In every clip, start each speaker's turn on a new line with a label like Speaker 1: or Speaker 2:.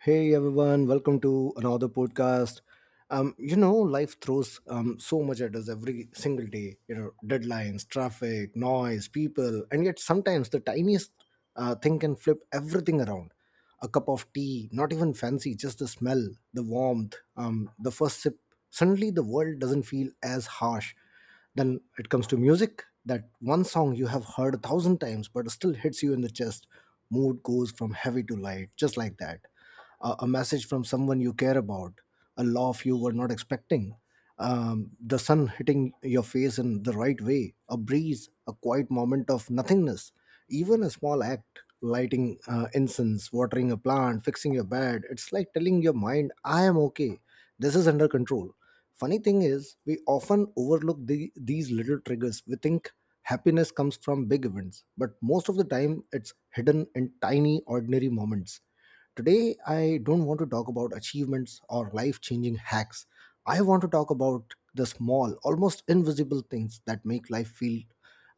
Speaker 1: Hey everyone, welcome to another podcast. You know, life throws so much at us every single day. You know, deadlines, traffic, noise, people, and yet sometimes the tiniest thing can flip everything around. A cup of tea, not even fancy, just the smell, the warmth, the first sip. Suddenly, the world doesn't feel as harsh. Then it comes to music, that one song you have heard a thousand times but still hits you in the chest. Mood goes from heavy to light, just like that. A message from someone you care about, a laugh you were not expecting, the sun hitting your face in the right way, a breeze, a quiet moment of nothingness, even a small act. Lighting incense, watering a plant, fixing your bed. It's like telling your mind, I am okay, this is under control. Funny thing is, we often overlook these little triggers. We think happiness comes from big events, but most of the time it's hidden in tiny, ordinary moments. Today, I don't want to talk about achievements or life changing hacks. I want to talk about the small, almost invisible things that make life feel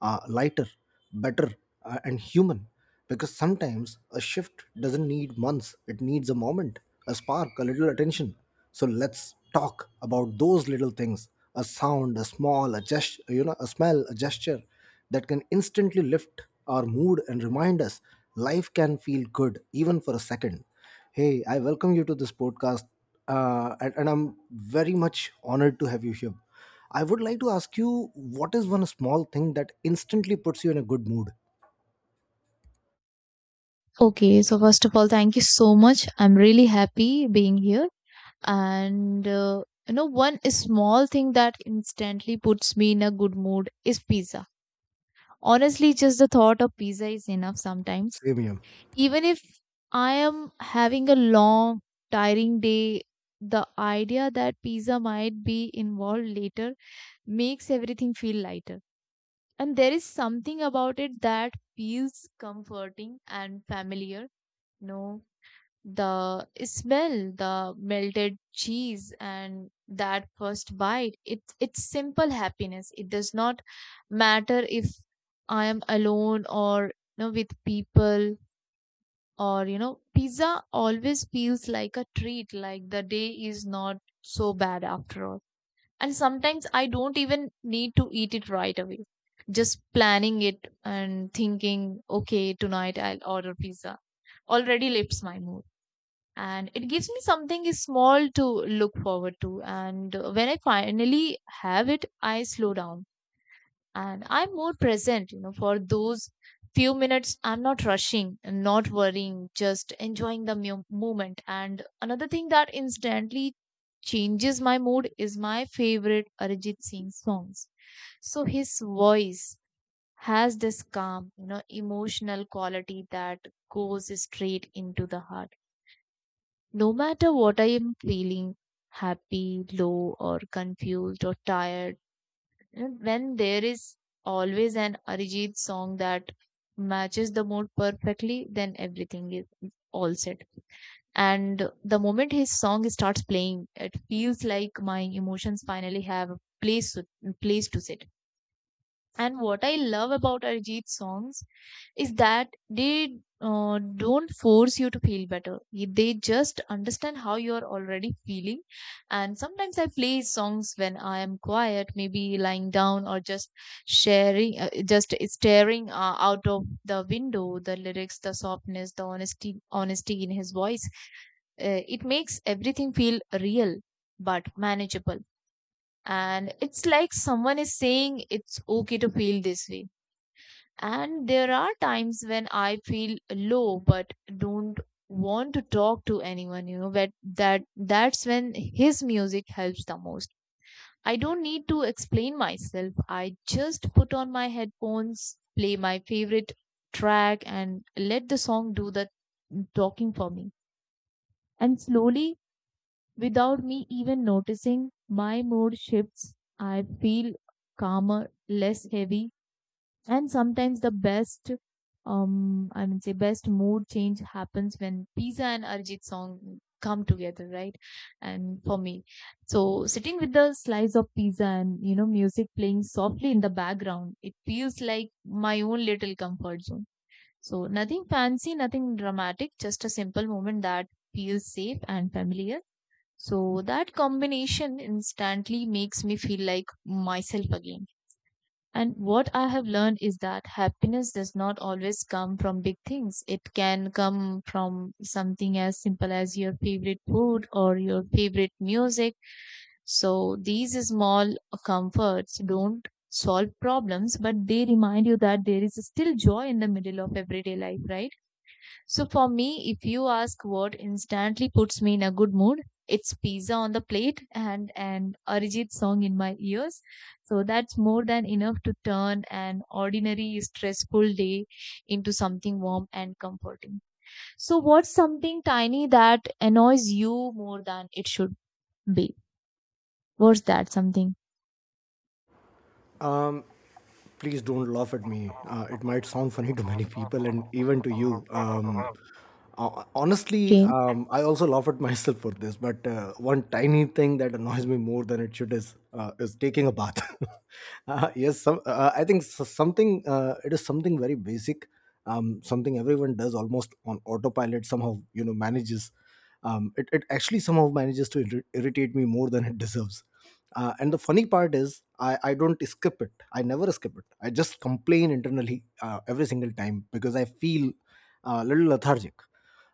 Speaker 1: lighter, better, and human. Because sometimes a shift doesn't need months, it needs a moment, a spark, a little attention. So let's talk about those little things: a sound, a gesture, a smell, a gesture that can instantly lift our mood and remind us life can feel good even for a second. Hey, I welcome you to this podcast, and I'm very much honored to have you here. I would like to ask you, what is one small thing that instantly puts you in a good mood?
Speaker 2: Okay, so first of all, thank you so much. I'm really happy being here. One small thing that instantly puts me in a good mood is pizza. Honestly, just the thought of pizza is enough sometimes.
Speaker 1: Same here.
Speaker 2: Even if I am having a long, tiring day, the idea that pizza might be involved later makes everything feel lighter. And there is something about it that feels comforting and familiar. No, the smell, the melted cheese, and that first bite. It's simple happiness. It does not matter if I am alone or with people, or pizza always feels like a treat. Like the day is not so bad after all. And sometimes I don't even need to eat it right away. Just planning it and thinking, okay, tonight I'll order pizza already lifts my mood, and it gives me something is small to look forward to. And when I finally have it, I slow down and I'm more present, for those few minutes. I'm not rushing, not worrying, just enjoying the moment. And another thing that instantly changes my mood is my favorite Arijit Singh songs. So his voice has this calm, emotional quality that goes straight into the heart. No matter what I am feeling, happy, low, or confused or tired, and when there is always an Arijit song that matches the mood perfectly, then everything is all set. And the moment his song starts playing, it feels like my emotions finally have place to sit. And what I love about Arijit's songs is that they don't force you to feel better. They just understand how you are already feeling. And sometimes I play songs when I am quiet, maybe lying down or just just staring out of the window. The lyrics, the softness, the honesty in his voice. It makes everything feel real but manageable. And it's like someone is saying it's okay to feel this way, and there are times when I feel low but don't want to talk to anyone, but that's when his music helps the most. I don't need to explain myself. I just put on my headphones, play my favorite track, and let the song do the talking for me. And slowly, without me even noticing, my mood shifts. I feel calmer, less heavy, and sometimes I would say best mood change happens when pizza and Arjit song come together, right? And for me, so sitting with the slice of pizza and, music playing softly in the background, it feels like my own little comfort zone. So nothing fancy, nothing dramatic, just a simple moment that feels safe and familiar. So that combination instantly makes me feel like myself again. And what I have learned is that happiness does not always come from big things. It can come from something as simple as your favorite food or your favorite music. So these small comforts don't solve problems, but they remind you that there is still joy in the middle of everyday life, right? So for me, if you ask what instantly puts me in a good mood, it's pizza on the plate and an Arijit song in my ears. So that's more than enough to turn an ordinary stressful day into something warm and comforting. So what's something tiny that annoys you more than it should be? What's that something?
Speaker 1: Um, Please don't laugh at me. It might sound funny to many people and even to you. Honestly,
Speaker 2: Okay.
Speaker 1: I also laugh at myself for this. But one tiny thing that annoys me more than it should is taking a bath. Yes, some, I think s- something. It is something very basic. Something everyone does almost on autopilot. Somehow, you know, manages. It actually somehow manages to irritate me more than it deserves, and the funny part is, I don't skip it, I never skip it. I just complain internally every single time because I feel a little lethargic.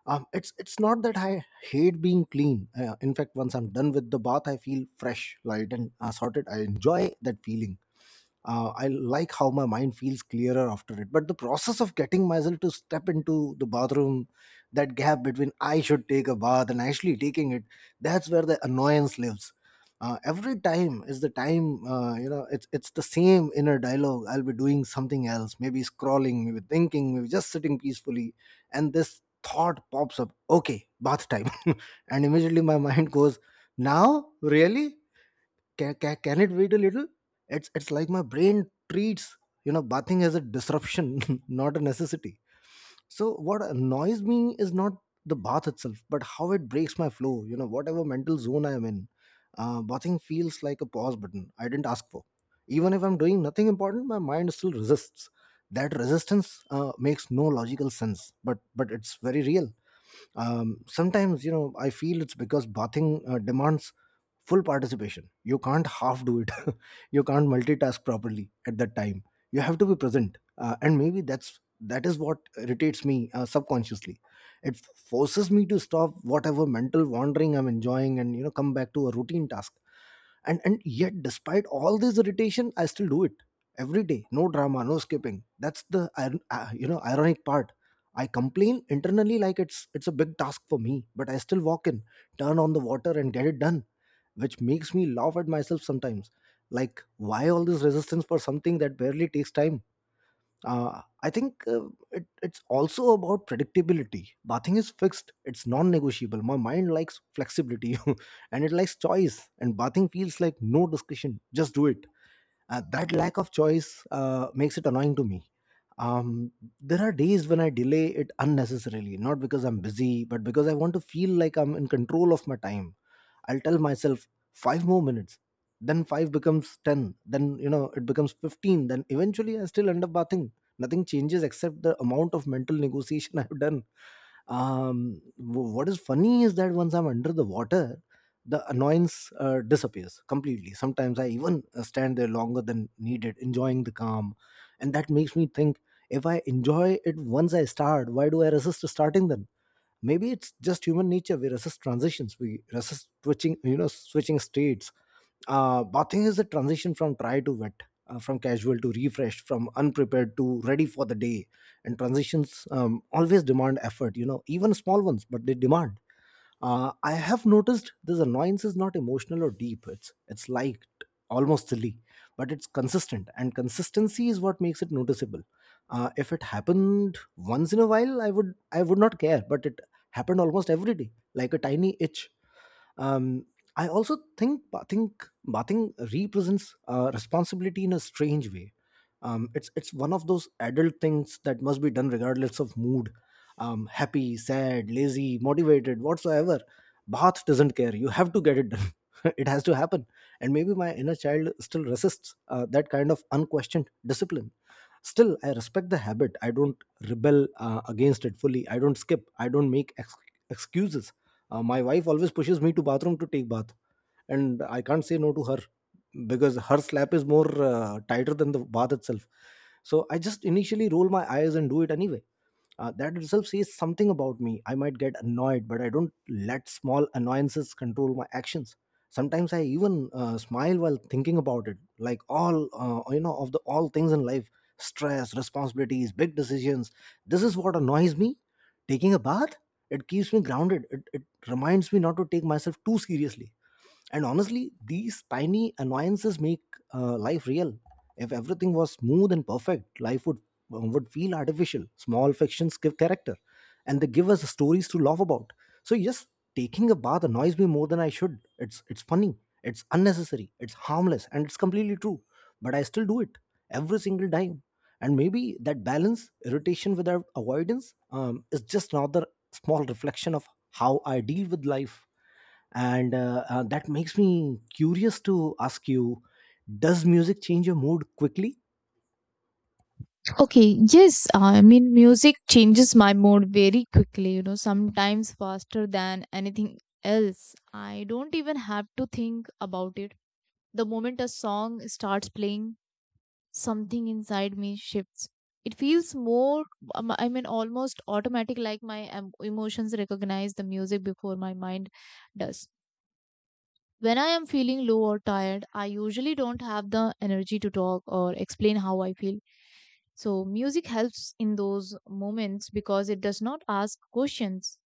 Speaker 1: It's not that I hate being clean. In fact, once I'm done with the bath, I feel fresh, light, and sorted. I enjoy that feeling. I like how my mind feels clearer after it. But the process of getting myself to step into the bathroom, that gap between I should take a bath and actually taking it, that's where the annoyance lives. Every time is the time. It's the same inner dialogue. I'll be doing something else, maybe scrolling, maybe thinking, maybe just sitting peacefully, and this thought pops up, okay, bath time. And immediately my mind goes, now really, can it wait a little? It's like my brain treats, you know, bathing as a disruption, not a necessity. So what annoys me is not the bath itself but how it breaks my flow, you know, whatever mental zone I am in. Bathing feels like a pause button I didn't ask for. Even if I'm doing nothing important, my mind still resists. That resistance makes no logical sense, but it's very real. Sometimes, you know, I feel it's because bathing demands full participation. You can't half do it. You can't multitask properly at that time. You have to be present, and maybe that is what irritates me subconsciously. It forces me to stop whatever mental wandering I'm enjoying and, you know, come back to a routine task. And yet, despite all this irritation, I still do it every day, no drama, no skipping. That's the you know, ironic part. I complain internally like it's a big task for me, but I still walk in, turn on the water, and get it done, which makes me laugh at myself sometimes. Like, why all this resistance for something that barely takes time? It's also about predictability. Bathing is fixed, it's non negotiable. My mind likes flexibility and it likes choice, and bathing feels like no discussion, just do it. That lack of choice makes it annoying to me. Um, there are days when I delay it unnecessarily, not because I'm busy, but because I want to feel like I'm in control of my time. I'll tell myself five more minutes. Then five becomes 10. Then, you know, it becomes 15. Then eventually I still end up bathing. Nothing changes except the amount of mental negotiation I've done. What is funny is that once I'm under the water, the annoyance disappears completely. Sometimes I even stand there longer than needed, enjoying the calm. And that makes me think, if I enjoy it once I start, why do I resist to starting then? Maybe it's just human nature. We resist transitions, we resist switching, you know, switching states. Bathing is a transition from dry to wet, from casual to refreshed, from unprepared to ready for the day. And transitions always demand effort, you know, even small ones, but they demand. I have noticed this annoyance is not emotional or deep. It's like almost silly, but it's consistent, and consistency is what makes it noticeable. If it happened once in a while, I would not care, but it happened almost every day, like a tiny itch. um, I also think bathing represents responsibility in a strange way. It's one of those adult things that must be done regardless of mood, happy, sad, lazy, motivated, whatsoever. Bath doesn't care. You have to get it done. It has to happen. And maybe my inner child still resists that kind of unquestioned discipline. Still, I respect the habit. I don't rebel against it fully. I don't skip, I don't make excuses. My wife always pushes me to bathroom to take bath, and I can't say no to her because her slap is more tighter than the bath itself. So I just initially roll my eyes and do it anyway. That itself says something about me. I might get annoyed, but I don't let small annoyances control my actions. Sometimes I even smile while thinking about it, like all you know of the all things in life: stress, responsibilities, big decisions. This is what annoys me. Taking a bath, it keeps me grounded. It reminds me not to take myself too seriously. And honestly, these tiny annoyances make life real. If everything was smooth and perfect, life would feel artificial. Small fictions give character, and they give us stories to laugh about. So yes, taking a bath annoys me more than I should. It's funny, it's unnecessary, it's harmless, and it's completely true. But I still do it every single time. And maybe that balance, irritation without avoidance, is just another small reflection of how I deal with life. And That makes me curious to ask you, does music change your mood quickly?
Speaker 2: Okay, yes, I mean, music changes my mood very quickly, sometimes faster than anything else. I don't even have to think about it. The moment a song starts playing, something inside me shifts. It feels I mean, almost automatic, like my emotions recognize the music before my mind does. When I am feeling low or tired, I usually don't have the energy to talk or explain how I feel. So music helps in those moments because it does not ask questions.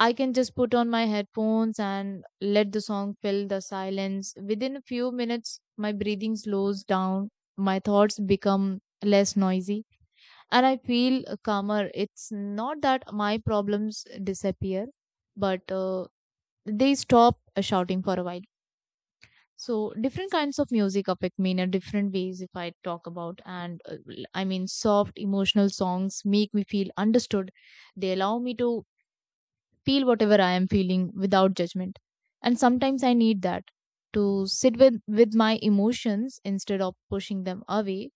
Speaker 2: I can just put on my headphones and let the song fill the silence. Within a few minutes, my breathing slows down, my thoughts become less noisy, and I feel calmer. It's not that my problems disappear, but they stop shouting for a while. So different kinds of music affect me in a different ways. If I talk about and l- I mean, soft emotional songs make me feel understood. They allow me to feel whatever I am feeling without judgment, and sometimes I need that to sit with my emotions instead of pushing them away.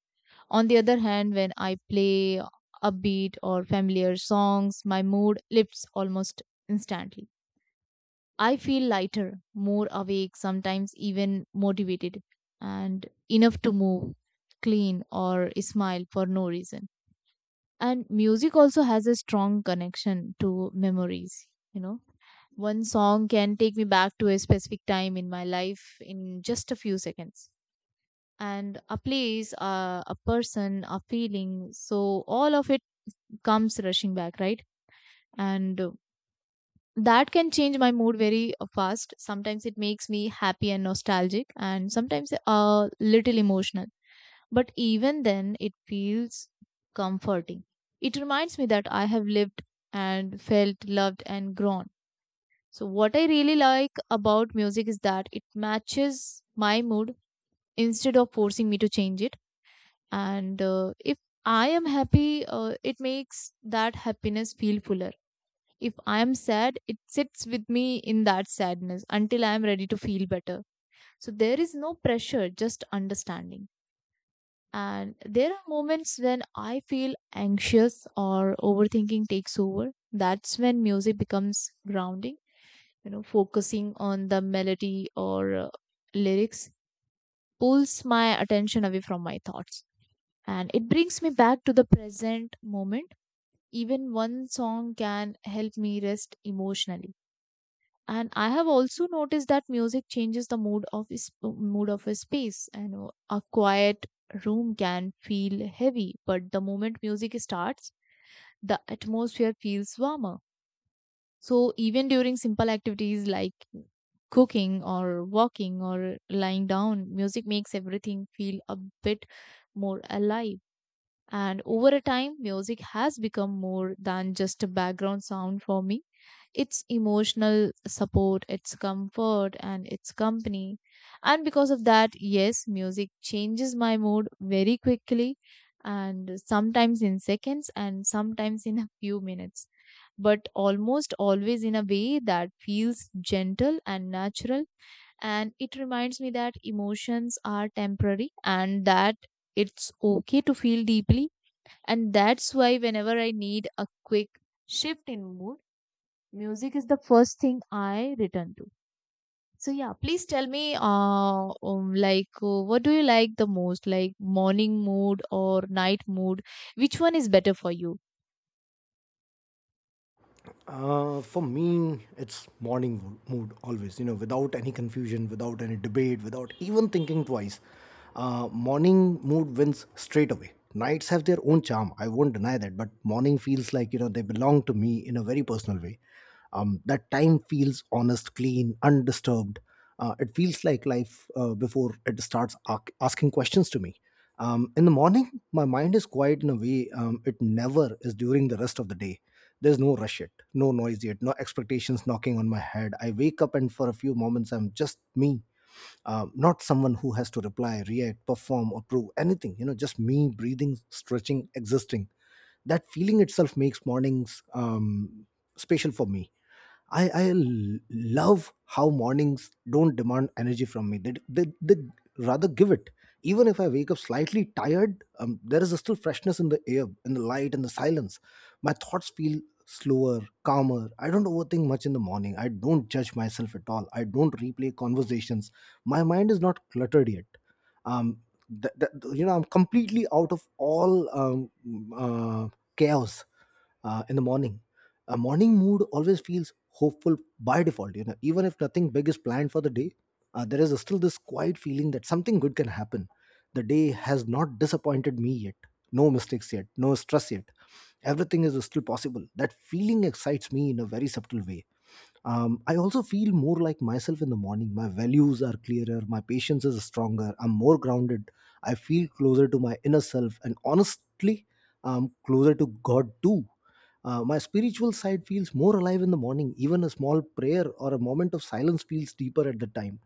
Speaker 2: On the other hand, when I play upbeat or familiar songs, my mood lifts almost instantly. I feel lighter, more awake, sometimes even motivated, and enough to move, clean, or smile for no reason. And music also has a strong connection to memories. You know, one song can take me back to a specific time in my life in just a few seconds. And a place, a person, a feeling. So all of it comes rushing back, right? And that can change my mood very fast. Sometimes it makes me happy and nostalgic, and sometimes a little emotional, but even then it feels comforting. It reminds me that I have lived and felt loved and grown. So what I really like about music is that it matches my mood instead of forcing me to change it. And if I am happy, it makes that happiness feel fuller. If I am sad, it sits with me in that sadness until I am ready to feel better. So there is no pressure, just understanding. And there are moments when I feel anxious or overthinking takes over. That's when music becomes grounding. You know, focusing on the melody or lyrics pulls my attention away from my thoughts, and it brings me back to the present moment. Even one song can help me rest emotionally. And I have also noticed that music changes the mood of a space. And A quiet room can feel heavy, but the moment music starts, the atmosphere feels warmer. So even during simple activities like cooking or walking or lying down, music makes everything feel a bit more alive. And over a time, music has become more than just a background sound for me. It's emotional support, it's comfort, and it's company. And because of that, yes, music changes my mood very quickly, and sometimes in seconds and sometimes in a few minutes, but almost always in a way that feels gentle and natural. And it reminds me that emotions are temporary and that it's okay to feel deeply, and that's why whenever I need a quick shift in mood, music is the first thing I return to. So yeah, please tell me, like, what do you like the most, like morning mood or night mood? Which one is better for you?
Speaker 1: For me it's morning mood, always, you know, without any confusion, without any debate, without even thinking twice. Morning mood wins straight away. Nights have their own charm, I won't deny that, but morning feels like, you know, they belong to me in a very personal way. That time feels honest, clean, undisturbed. It feels like life before it starts asking questions to me. In the morning, my mind is quiet in a way it never is during the rest of the day. There's no rush yet, no noise yet, no expectations knocking on my head. I wake up and for a few moments, I'm just me, not someone who has to reply, react, perform, or prove anything. You know, just me breathing, stretching, existing. That feeling itself makes mornings special for me. Love how mornings don't demand energy from me. They rather give it. Even if I wake up slightly tired, there is still freshness in the air, in the light, in the silence. My thoughts feel slower, calmer. I don't overthink much in the morning. I don't judge myself at all. I don't replay conversations. My mind is not cluttered yet. Um, th- th- you know, I'm completely out of all uh, chaos in the morning. A morning mood always feels hopeful by default. You know, even if nothing big is planned for the day, there is still this quiet feeling that something good can happen. The day has not disappointed me yet. No mistakes yet. No stress yet. Everything is still possible. That feeling excites me in a very subtle way. I also feel more like myself in the morning. My values are clearer, my patience is stronger, I'm more grounded. I feel closer to my inner self, and honestly, I closer to God too. My spiritual side feels more alive in the morning. Even a small prayer or a moment of silence feels deeper at the time.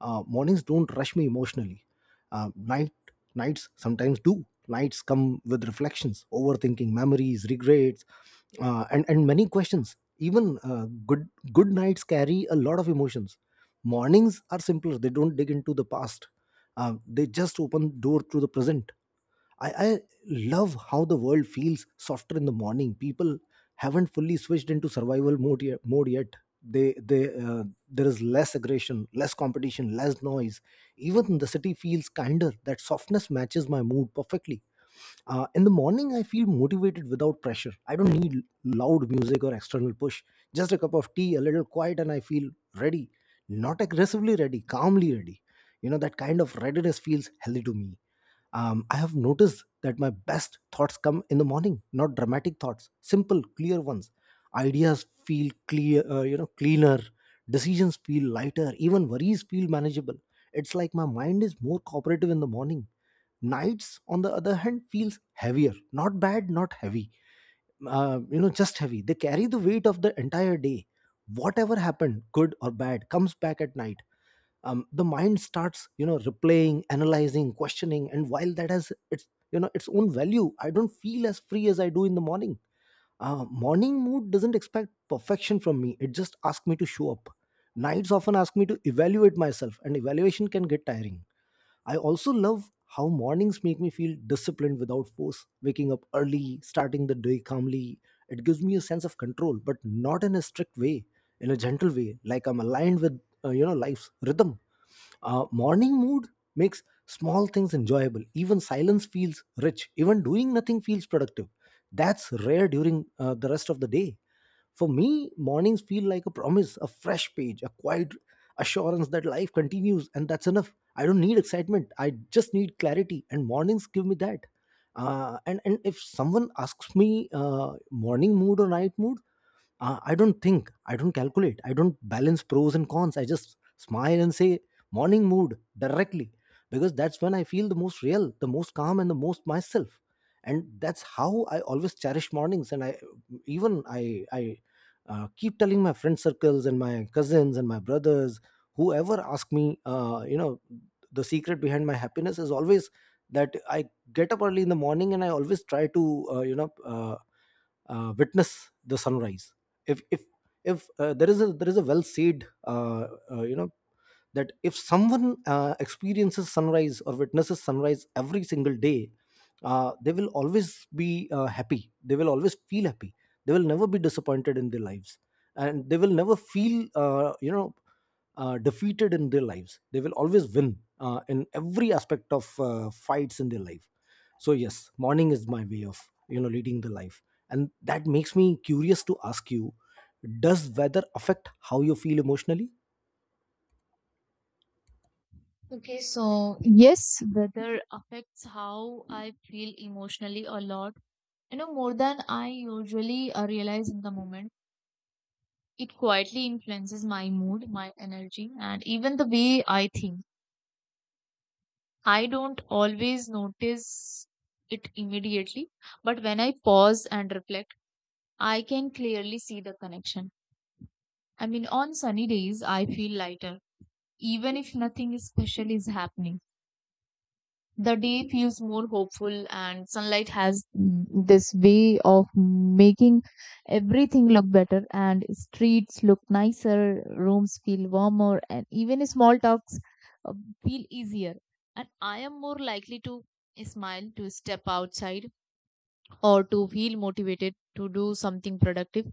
Speaker 1: Mornings don't rush me emotionally. uh, night Nights sometimes do. Nights come with reflections, overthinking, memories, regrets, and many questions. Even good nights carry a lot of emotions. Mornings are simpler. They don't dig into the past. They just open door to the present. I love how the world feels softer in the morning. People haven't fully switched into survival mode yet. They uh, there is less aggression, less competition, less noise. Even the city feels kinder. That softness matches my mood perfectly. In the morning, I feel motivated without pressure. I don't need loud music or external push. Just a cup of tea, a little quiet, and I feel ready. Not aggressively ready, calmly ready. You know, that kind of readiness feels healthy to me. I have noticed that my best thoughts come in the morning, not dramatic thoughts, simple, clear ones. Ideas feel clear, you know, cleaner. Decisions feel lighter. Even worries feel manageable. It's like my mind is more cooperative in the morning. Nights, on the other hand, feels heavier. Not bad, not heavy. You know, just heavy. They carry the weight of the entire day. Whatever happened, good or bad, comes back at night. The mind starts, you know, replaying, analyzing, questioning, and while that has its, you know, its own value, I don't feel as free as I do in the morning. Morning mood doesn't expect perfection from me. It just asks me to show up. Nights often ask me to evaluate myself, and evaluation can get tiring. I also love how mornings make me feel disciplined without force. Waking up early, starting the day calmly, it gives me a sense of control, but not in a strict way. In a gentle way, like I'm aligned with you know, life's rhythm. Morning mood makes small things enjoyable. Even silence feels rich. Even doing nothing feels productive. That's rare during the rest of the day. For me, mornings feel like a promise, a fresh page, a quiet assurance that life continues, and that's enough. I don't need excitement. I just need clarity, and mornings give me that. And if someone asks me morning mood or night mood, I don't think, I don't calculate, I don't balance pros and cons. I just smile and say morning mood directly, because that's when I feel the most real, the most calm, and the most myself. And that's how I always cherish mornings. And I even I keep telling my friend circles and my cousins and my brothers, whoever ask me, you know, the secret behind my happiness is always that I get up early in the morning, and I always try to uh, you know uh, witness the sunrise. If if if There is a well said you know, that if someone experiences sunrise or witnesses sunrise every single day, they will always be happy. They will always feel happy. They will never be disappointed in their lives, and they will never feel you know, defeated in their lives. They will always win in every aspect of fights in their life. So yes, morning is my way of, you know, leading the life. And that makes me curious to ask you, does weather affect how you feel emotionally?
Speaker 2: Okay, so yes, weather affects how I feel emotionally a lot. You know, more than I usually realize in the moment. It quietly influences my mood, my energy, and even the way I think. I don't always notice it immediately, but when I pause and reflect, I can clearly see the connection. I mean, on sunny days, I feel lighter, even if nothing special is happening. The day feels more hopeful, and sunlight has, mm, this way of making everything look better, and streets look nicer, rooms feel warmer, and even small talks uh, feel easier. And I am more likely to smile, to step outside, or to feel motivated to do something productive.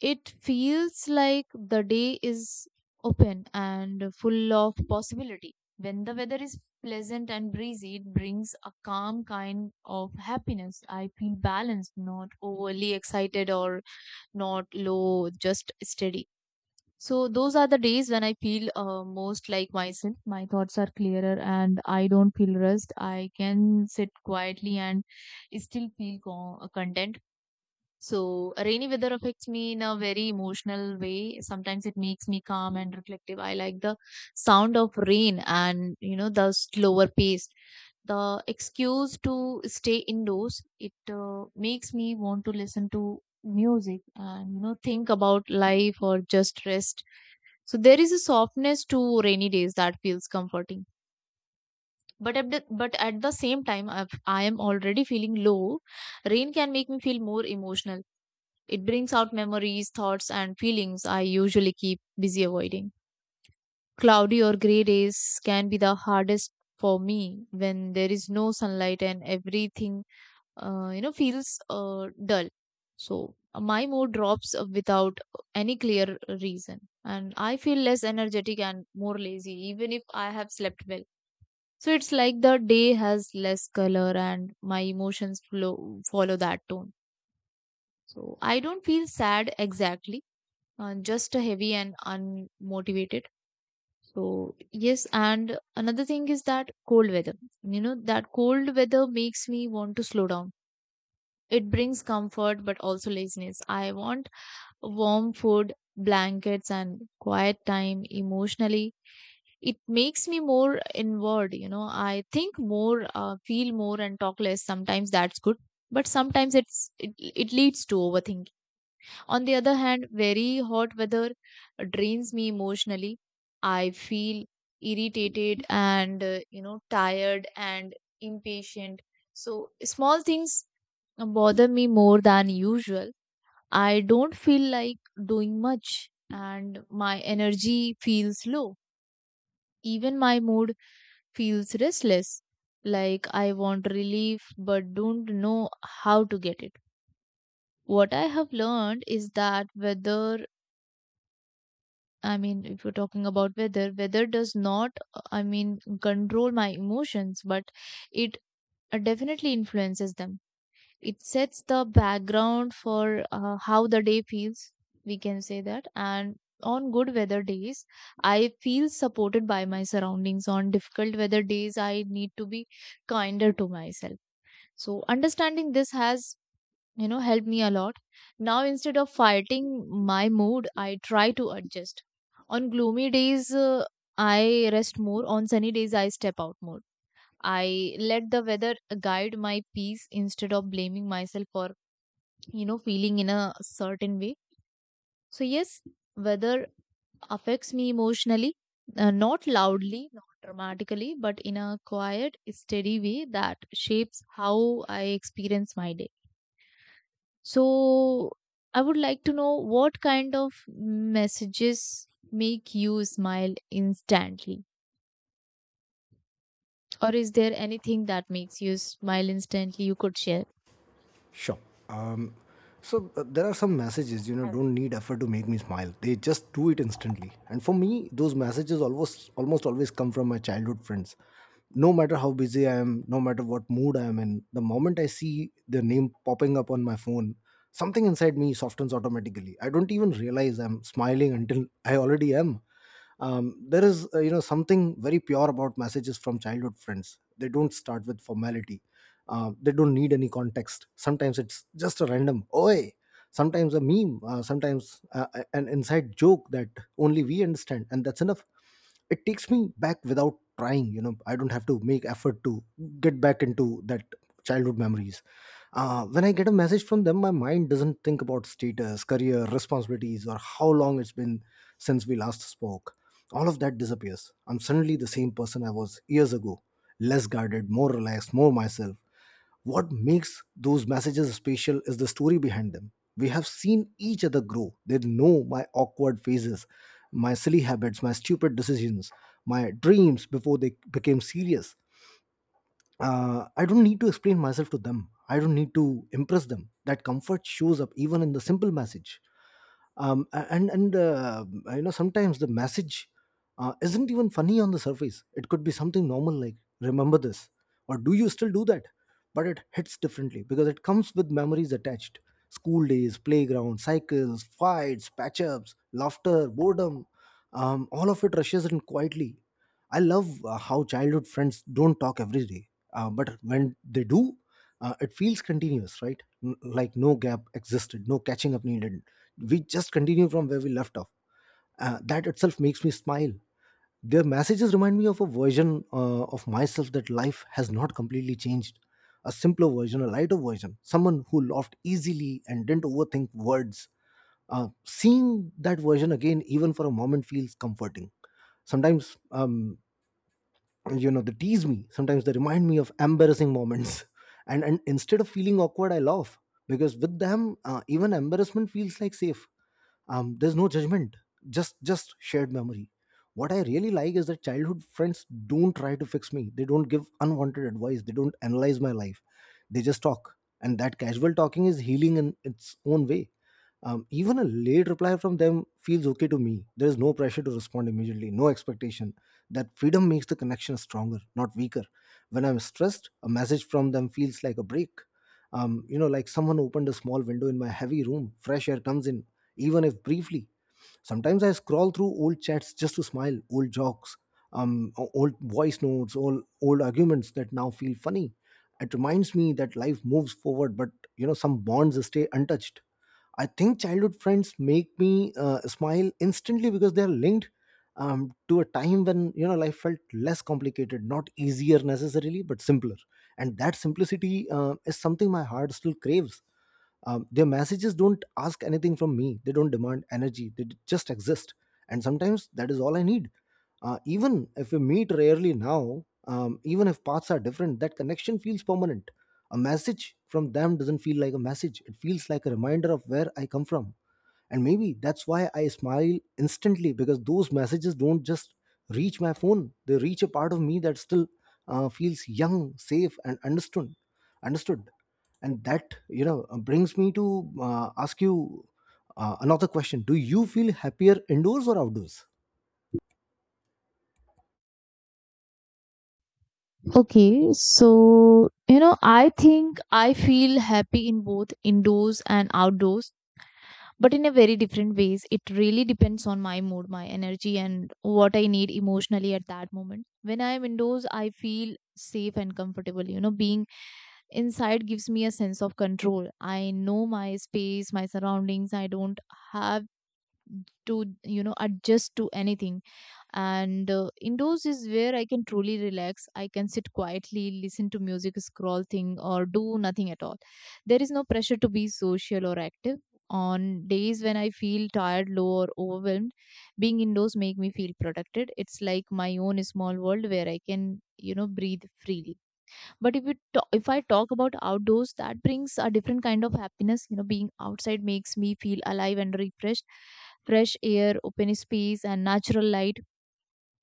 Speaker 2: It feels like the day is open and full of possibility. When the weather is pleasant and breezy, it brings a calm kind of happiness. I feel balanced, not overly excited or not low, just steady. So, those are the days when I feel most like myself. My thoughts are clearer and I don't feel rushed. I can sit quietly and still feel content. So, rainy weather affects me in a very emotional way. Sometimes it makes me calm and reflective. I like the sound of rain and, you know, the slower pace. The excuse to stay indoors, it makes me want to listen to music and, you know, think about life or just rest. So, there is a softness to rainy days that feels comforting. But at the same time, if I am already feeling low, rain can make me feel more emotional. It brings out memories, thoughts, and feelings I usually keep busy avoiding. Cloudy or gray days can be the hardest for me when there is no sunlight and everything feels dull. So my mood drops without any clear reason, and I feel less energetic and more lazy, even if I have slept well. So it's like the day has less color, and my follow that tone. So I don't feel sad exactly, just a heavy and unmotivated. So yes, and another thing is that cold weather. You know that cold weather makes me want to slow down. It brings comfort but also laziness. I want warm food, blankets, and quiet time emotionally. It makes me more inward, you know. I think more, feel more, and talk less. Sometimes that's good, but sometimes it leads to overthinking. On the other hand, very hot weather drains me emotionally. I feel irritated and, tired and impatient. So, small things bother me more than usual. I don't feel like doing much, and my energy feels low. Even my mood feels restless. Like I want relief but don't know how to get it. What I have learned is that weather I mean, if you're talking about weather, weather does not, control my emotions, but it definitely influences them. It sets the background for how the day feels, we can say that. And on good weather days, I feel supported by my surroundings. On difficult weather days, I need to be kinder to myself. So, understanding this has helped me a lot. Now, instead of fighting my mood, I try to adjust. On gloomy days, I rest more. On sunny days, I step out more. I let the weather guide my peace instead of blaming myself for feeling in a certain way. So yes, weather affects me emotionally, not loudly, not dramatically, but in a quiet, steady way that shapes how I experience my day. So I would like to know, what kind of messages make you smile instantly? Or is there anything that makes you smile instantly you could share?
Speaker 1: Sure. Um, so there are some messages, you know, don't need effort to make me smile. They just do it instantly. And for me, those messages almost always come from my childhood friends. No matter how busy I am, no matter what mood I am in, the moment I see their name popping up on my phone, something inside me softens automatically. I don't even realize I'm smiling until I already am. Um, there is, you know, something very pure about messages from childhood friends. They don't start with formality. They don't need any context. Sometimes it's just a random oi, sometimes a meme, sometimes an inside joke that only we understand, and that's enough. It takes me back without trying. You know, I don't have to make effort to get back into that childhood memories. When I get a message from them, my mind doesn't think about status, career, responsibilities, or how long it's been since we last spoke. All of that disappears. I'm suddenly the same person I was years ago, less guarded, more relaxed, more myself. What makes those messages special is the story behind them. We have seen each other grow. They know my awkward phases, my silly habits, my stupid decisions, my dreams before they became serious. I don't need to explain myself to them. I don't need to impress them. That comfort shows up even in the simple message. A- and You know, sometimes the message isn't even funny on the surface. It could be something normal, like remember this, or do you still do that, but it hits differently because it comes with memories attached. School days, playground cycles, fights, patch-ups, laughter, boredom, all of it rushes in quietly. I love how childhood friends don't talk every day, but when they do, it feels continuous, right? Like no gap existed, no catching up needed. We just continue from where we left off. That itself makes me smile. Their messages remind me of a version of myself that life has not completely changed. A simpler version, a lighter version, someone who laughed easily and didn't overthink words. Seeing that version again, even for a moment, feels comforting. Sometimes, you know, they tease me. Sometimes they remind me of embarrassing moments. And instead of feeling awkward, I laugh, because with them, even embarrassment feels like safe. Um, there's no judgment, just shared memory. What I really like is that childhood friends don't try to fix me. They don't give unwanted advice. They don't analyze my life. They just talk, and that casual talking is healing in its own way. Um, even a late reply from them feels okay to me. There is no pressure to respond immediately, no expectation. That freedom makes the connection stronger, not weaker. When I'm stressed, a message from them feels like a break. You know, like someone opened a small window in my heavy room, fresh air comes in, even if briefly. Sometimes I scroll through old chats just to smile. Old jokes, old voice notes, old arguments that now feel funny. It reminds me that life moves forward, but you know, some bonds stay untouched. I think childhood friends make me smile instantly because they are linked to a time when, you know, life felt less complicated, not easier necessarily, but simpler. And that simplicity is something my heart still craves. Um, their messages don't ask anything from me. They don't demand energy. Just exist, and sometimes that is all I need. Even if we meet rarely now, even if paths are different, that connection feels permanent. A message from them doesn't feel like a message. It feels like a reminder of where I come from. And maybe that's why I smile instantly, because those messages don't just reach my phone. They reach a part of me that still feels young, safe, and understood. And that, you know, brings me to ask you another question. Do you feel happier indoors or outdoors?
Speaker 2: Okay, so you know, I think I feel happy in both indoors and outdoors, but in a very different ways. It really depends on my mood, my energy, and what I need emotionally at that moment. When I am indoors, I feel safe and comfortable. You know, being inside gives me a sense of control. I know my space, my surroundings. I don't have to, adjust to anything. And indoors is where I can truly relax. I can sit quietly, listen to music, scroll thing, or do nothing at all. There is no pressure to be social or active. On days when I feel tired, low, or overwhelmed, being indoors make me feel protected. It's like my own small world where I can, breathe freely. But if I talk about outdoors, that brings a different kind of happiness. You know, being outside makes me feel alive and refreshed. Fresh air, open space, and natural light,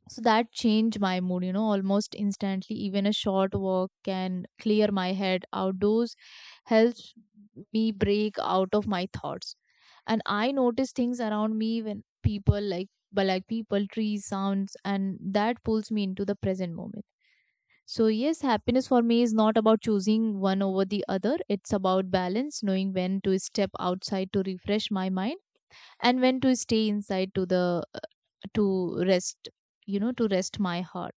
Speaker 2: so that changed my mood, you know, almost instantly. Even a short walk can clear my head. Outdoors helps me break out of my thoughts. And I notice things around me, but like people, trees, sounds, and that pulls me into the present moment. So, yes, happiness for me is not about choosing one over the other. It's about balance, knowing when to step outside to refresh my mind and when to stay inside to the to rest, you know, to rest my heart.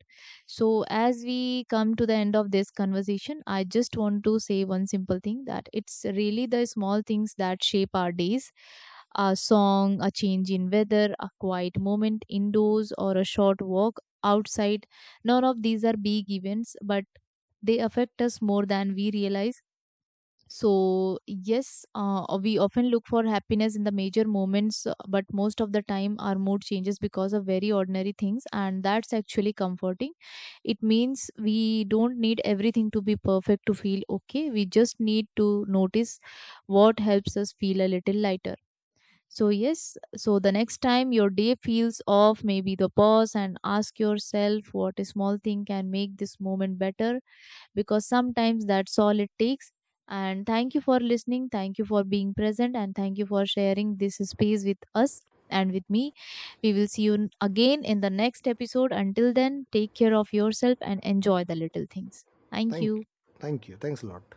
Speaker 2: So as we come to the end of this conversation, I just want to say one simple thing, that it's really the small things that shape our days. A song, a change in weather, a quiet moment indoors, or a short walk outside, none of these are big events, but they affect us more than we realize. So, yes, we often look for happiness in the major moments, but most of the time our mood changes because of very ordinary things, and that's actually comforting. It means we don't need everything to be perfect to feel okay. We just need to notice what helps us feel a little lighter. So, yes, so the next time your day feels off, maybe the pause and ask yourself what a small thing can make this moment better, because sometimes that's all it takes. And thank you for listening. Thank you for being present. And thank you for sharing this space with us and with me. We will see you again in the next episode. Until then, take care of yourself and enjoy the little things. Thank
Speaker 1: thank
Speaker 2: you.
Speaker 1: Thank you. Thanks a lot.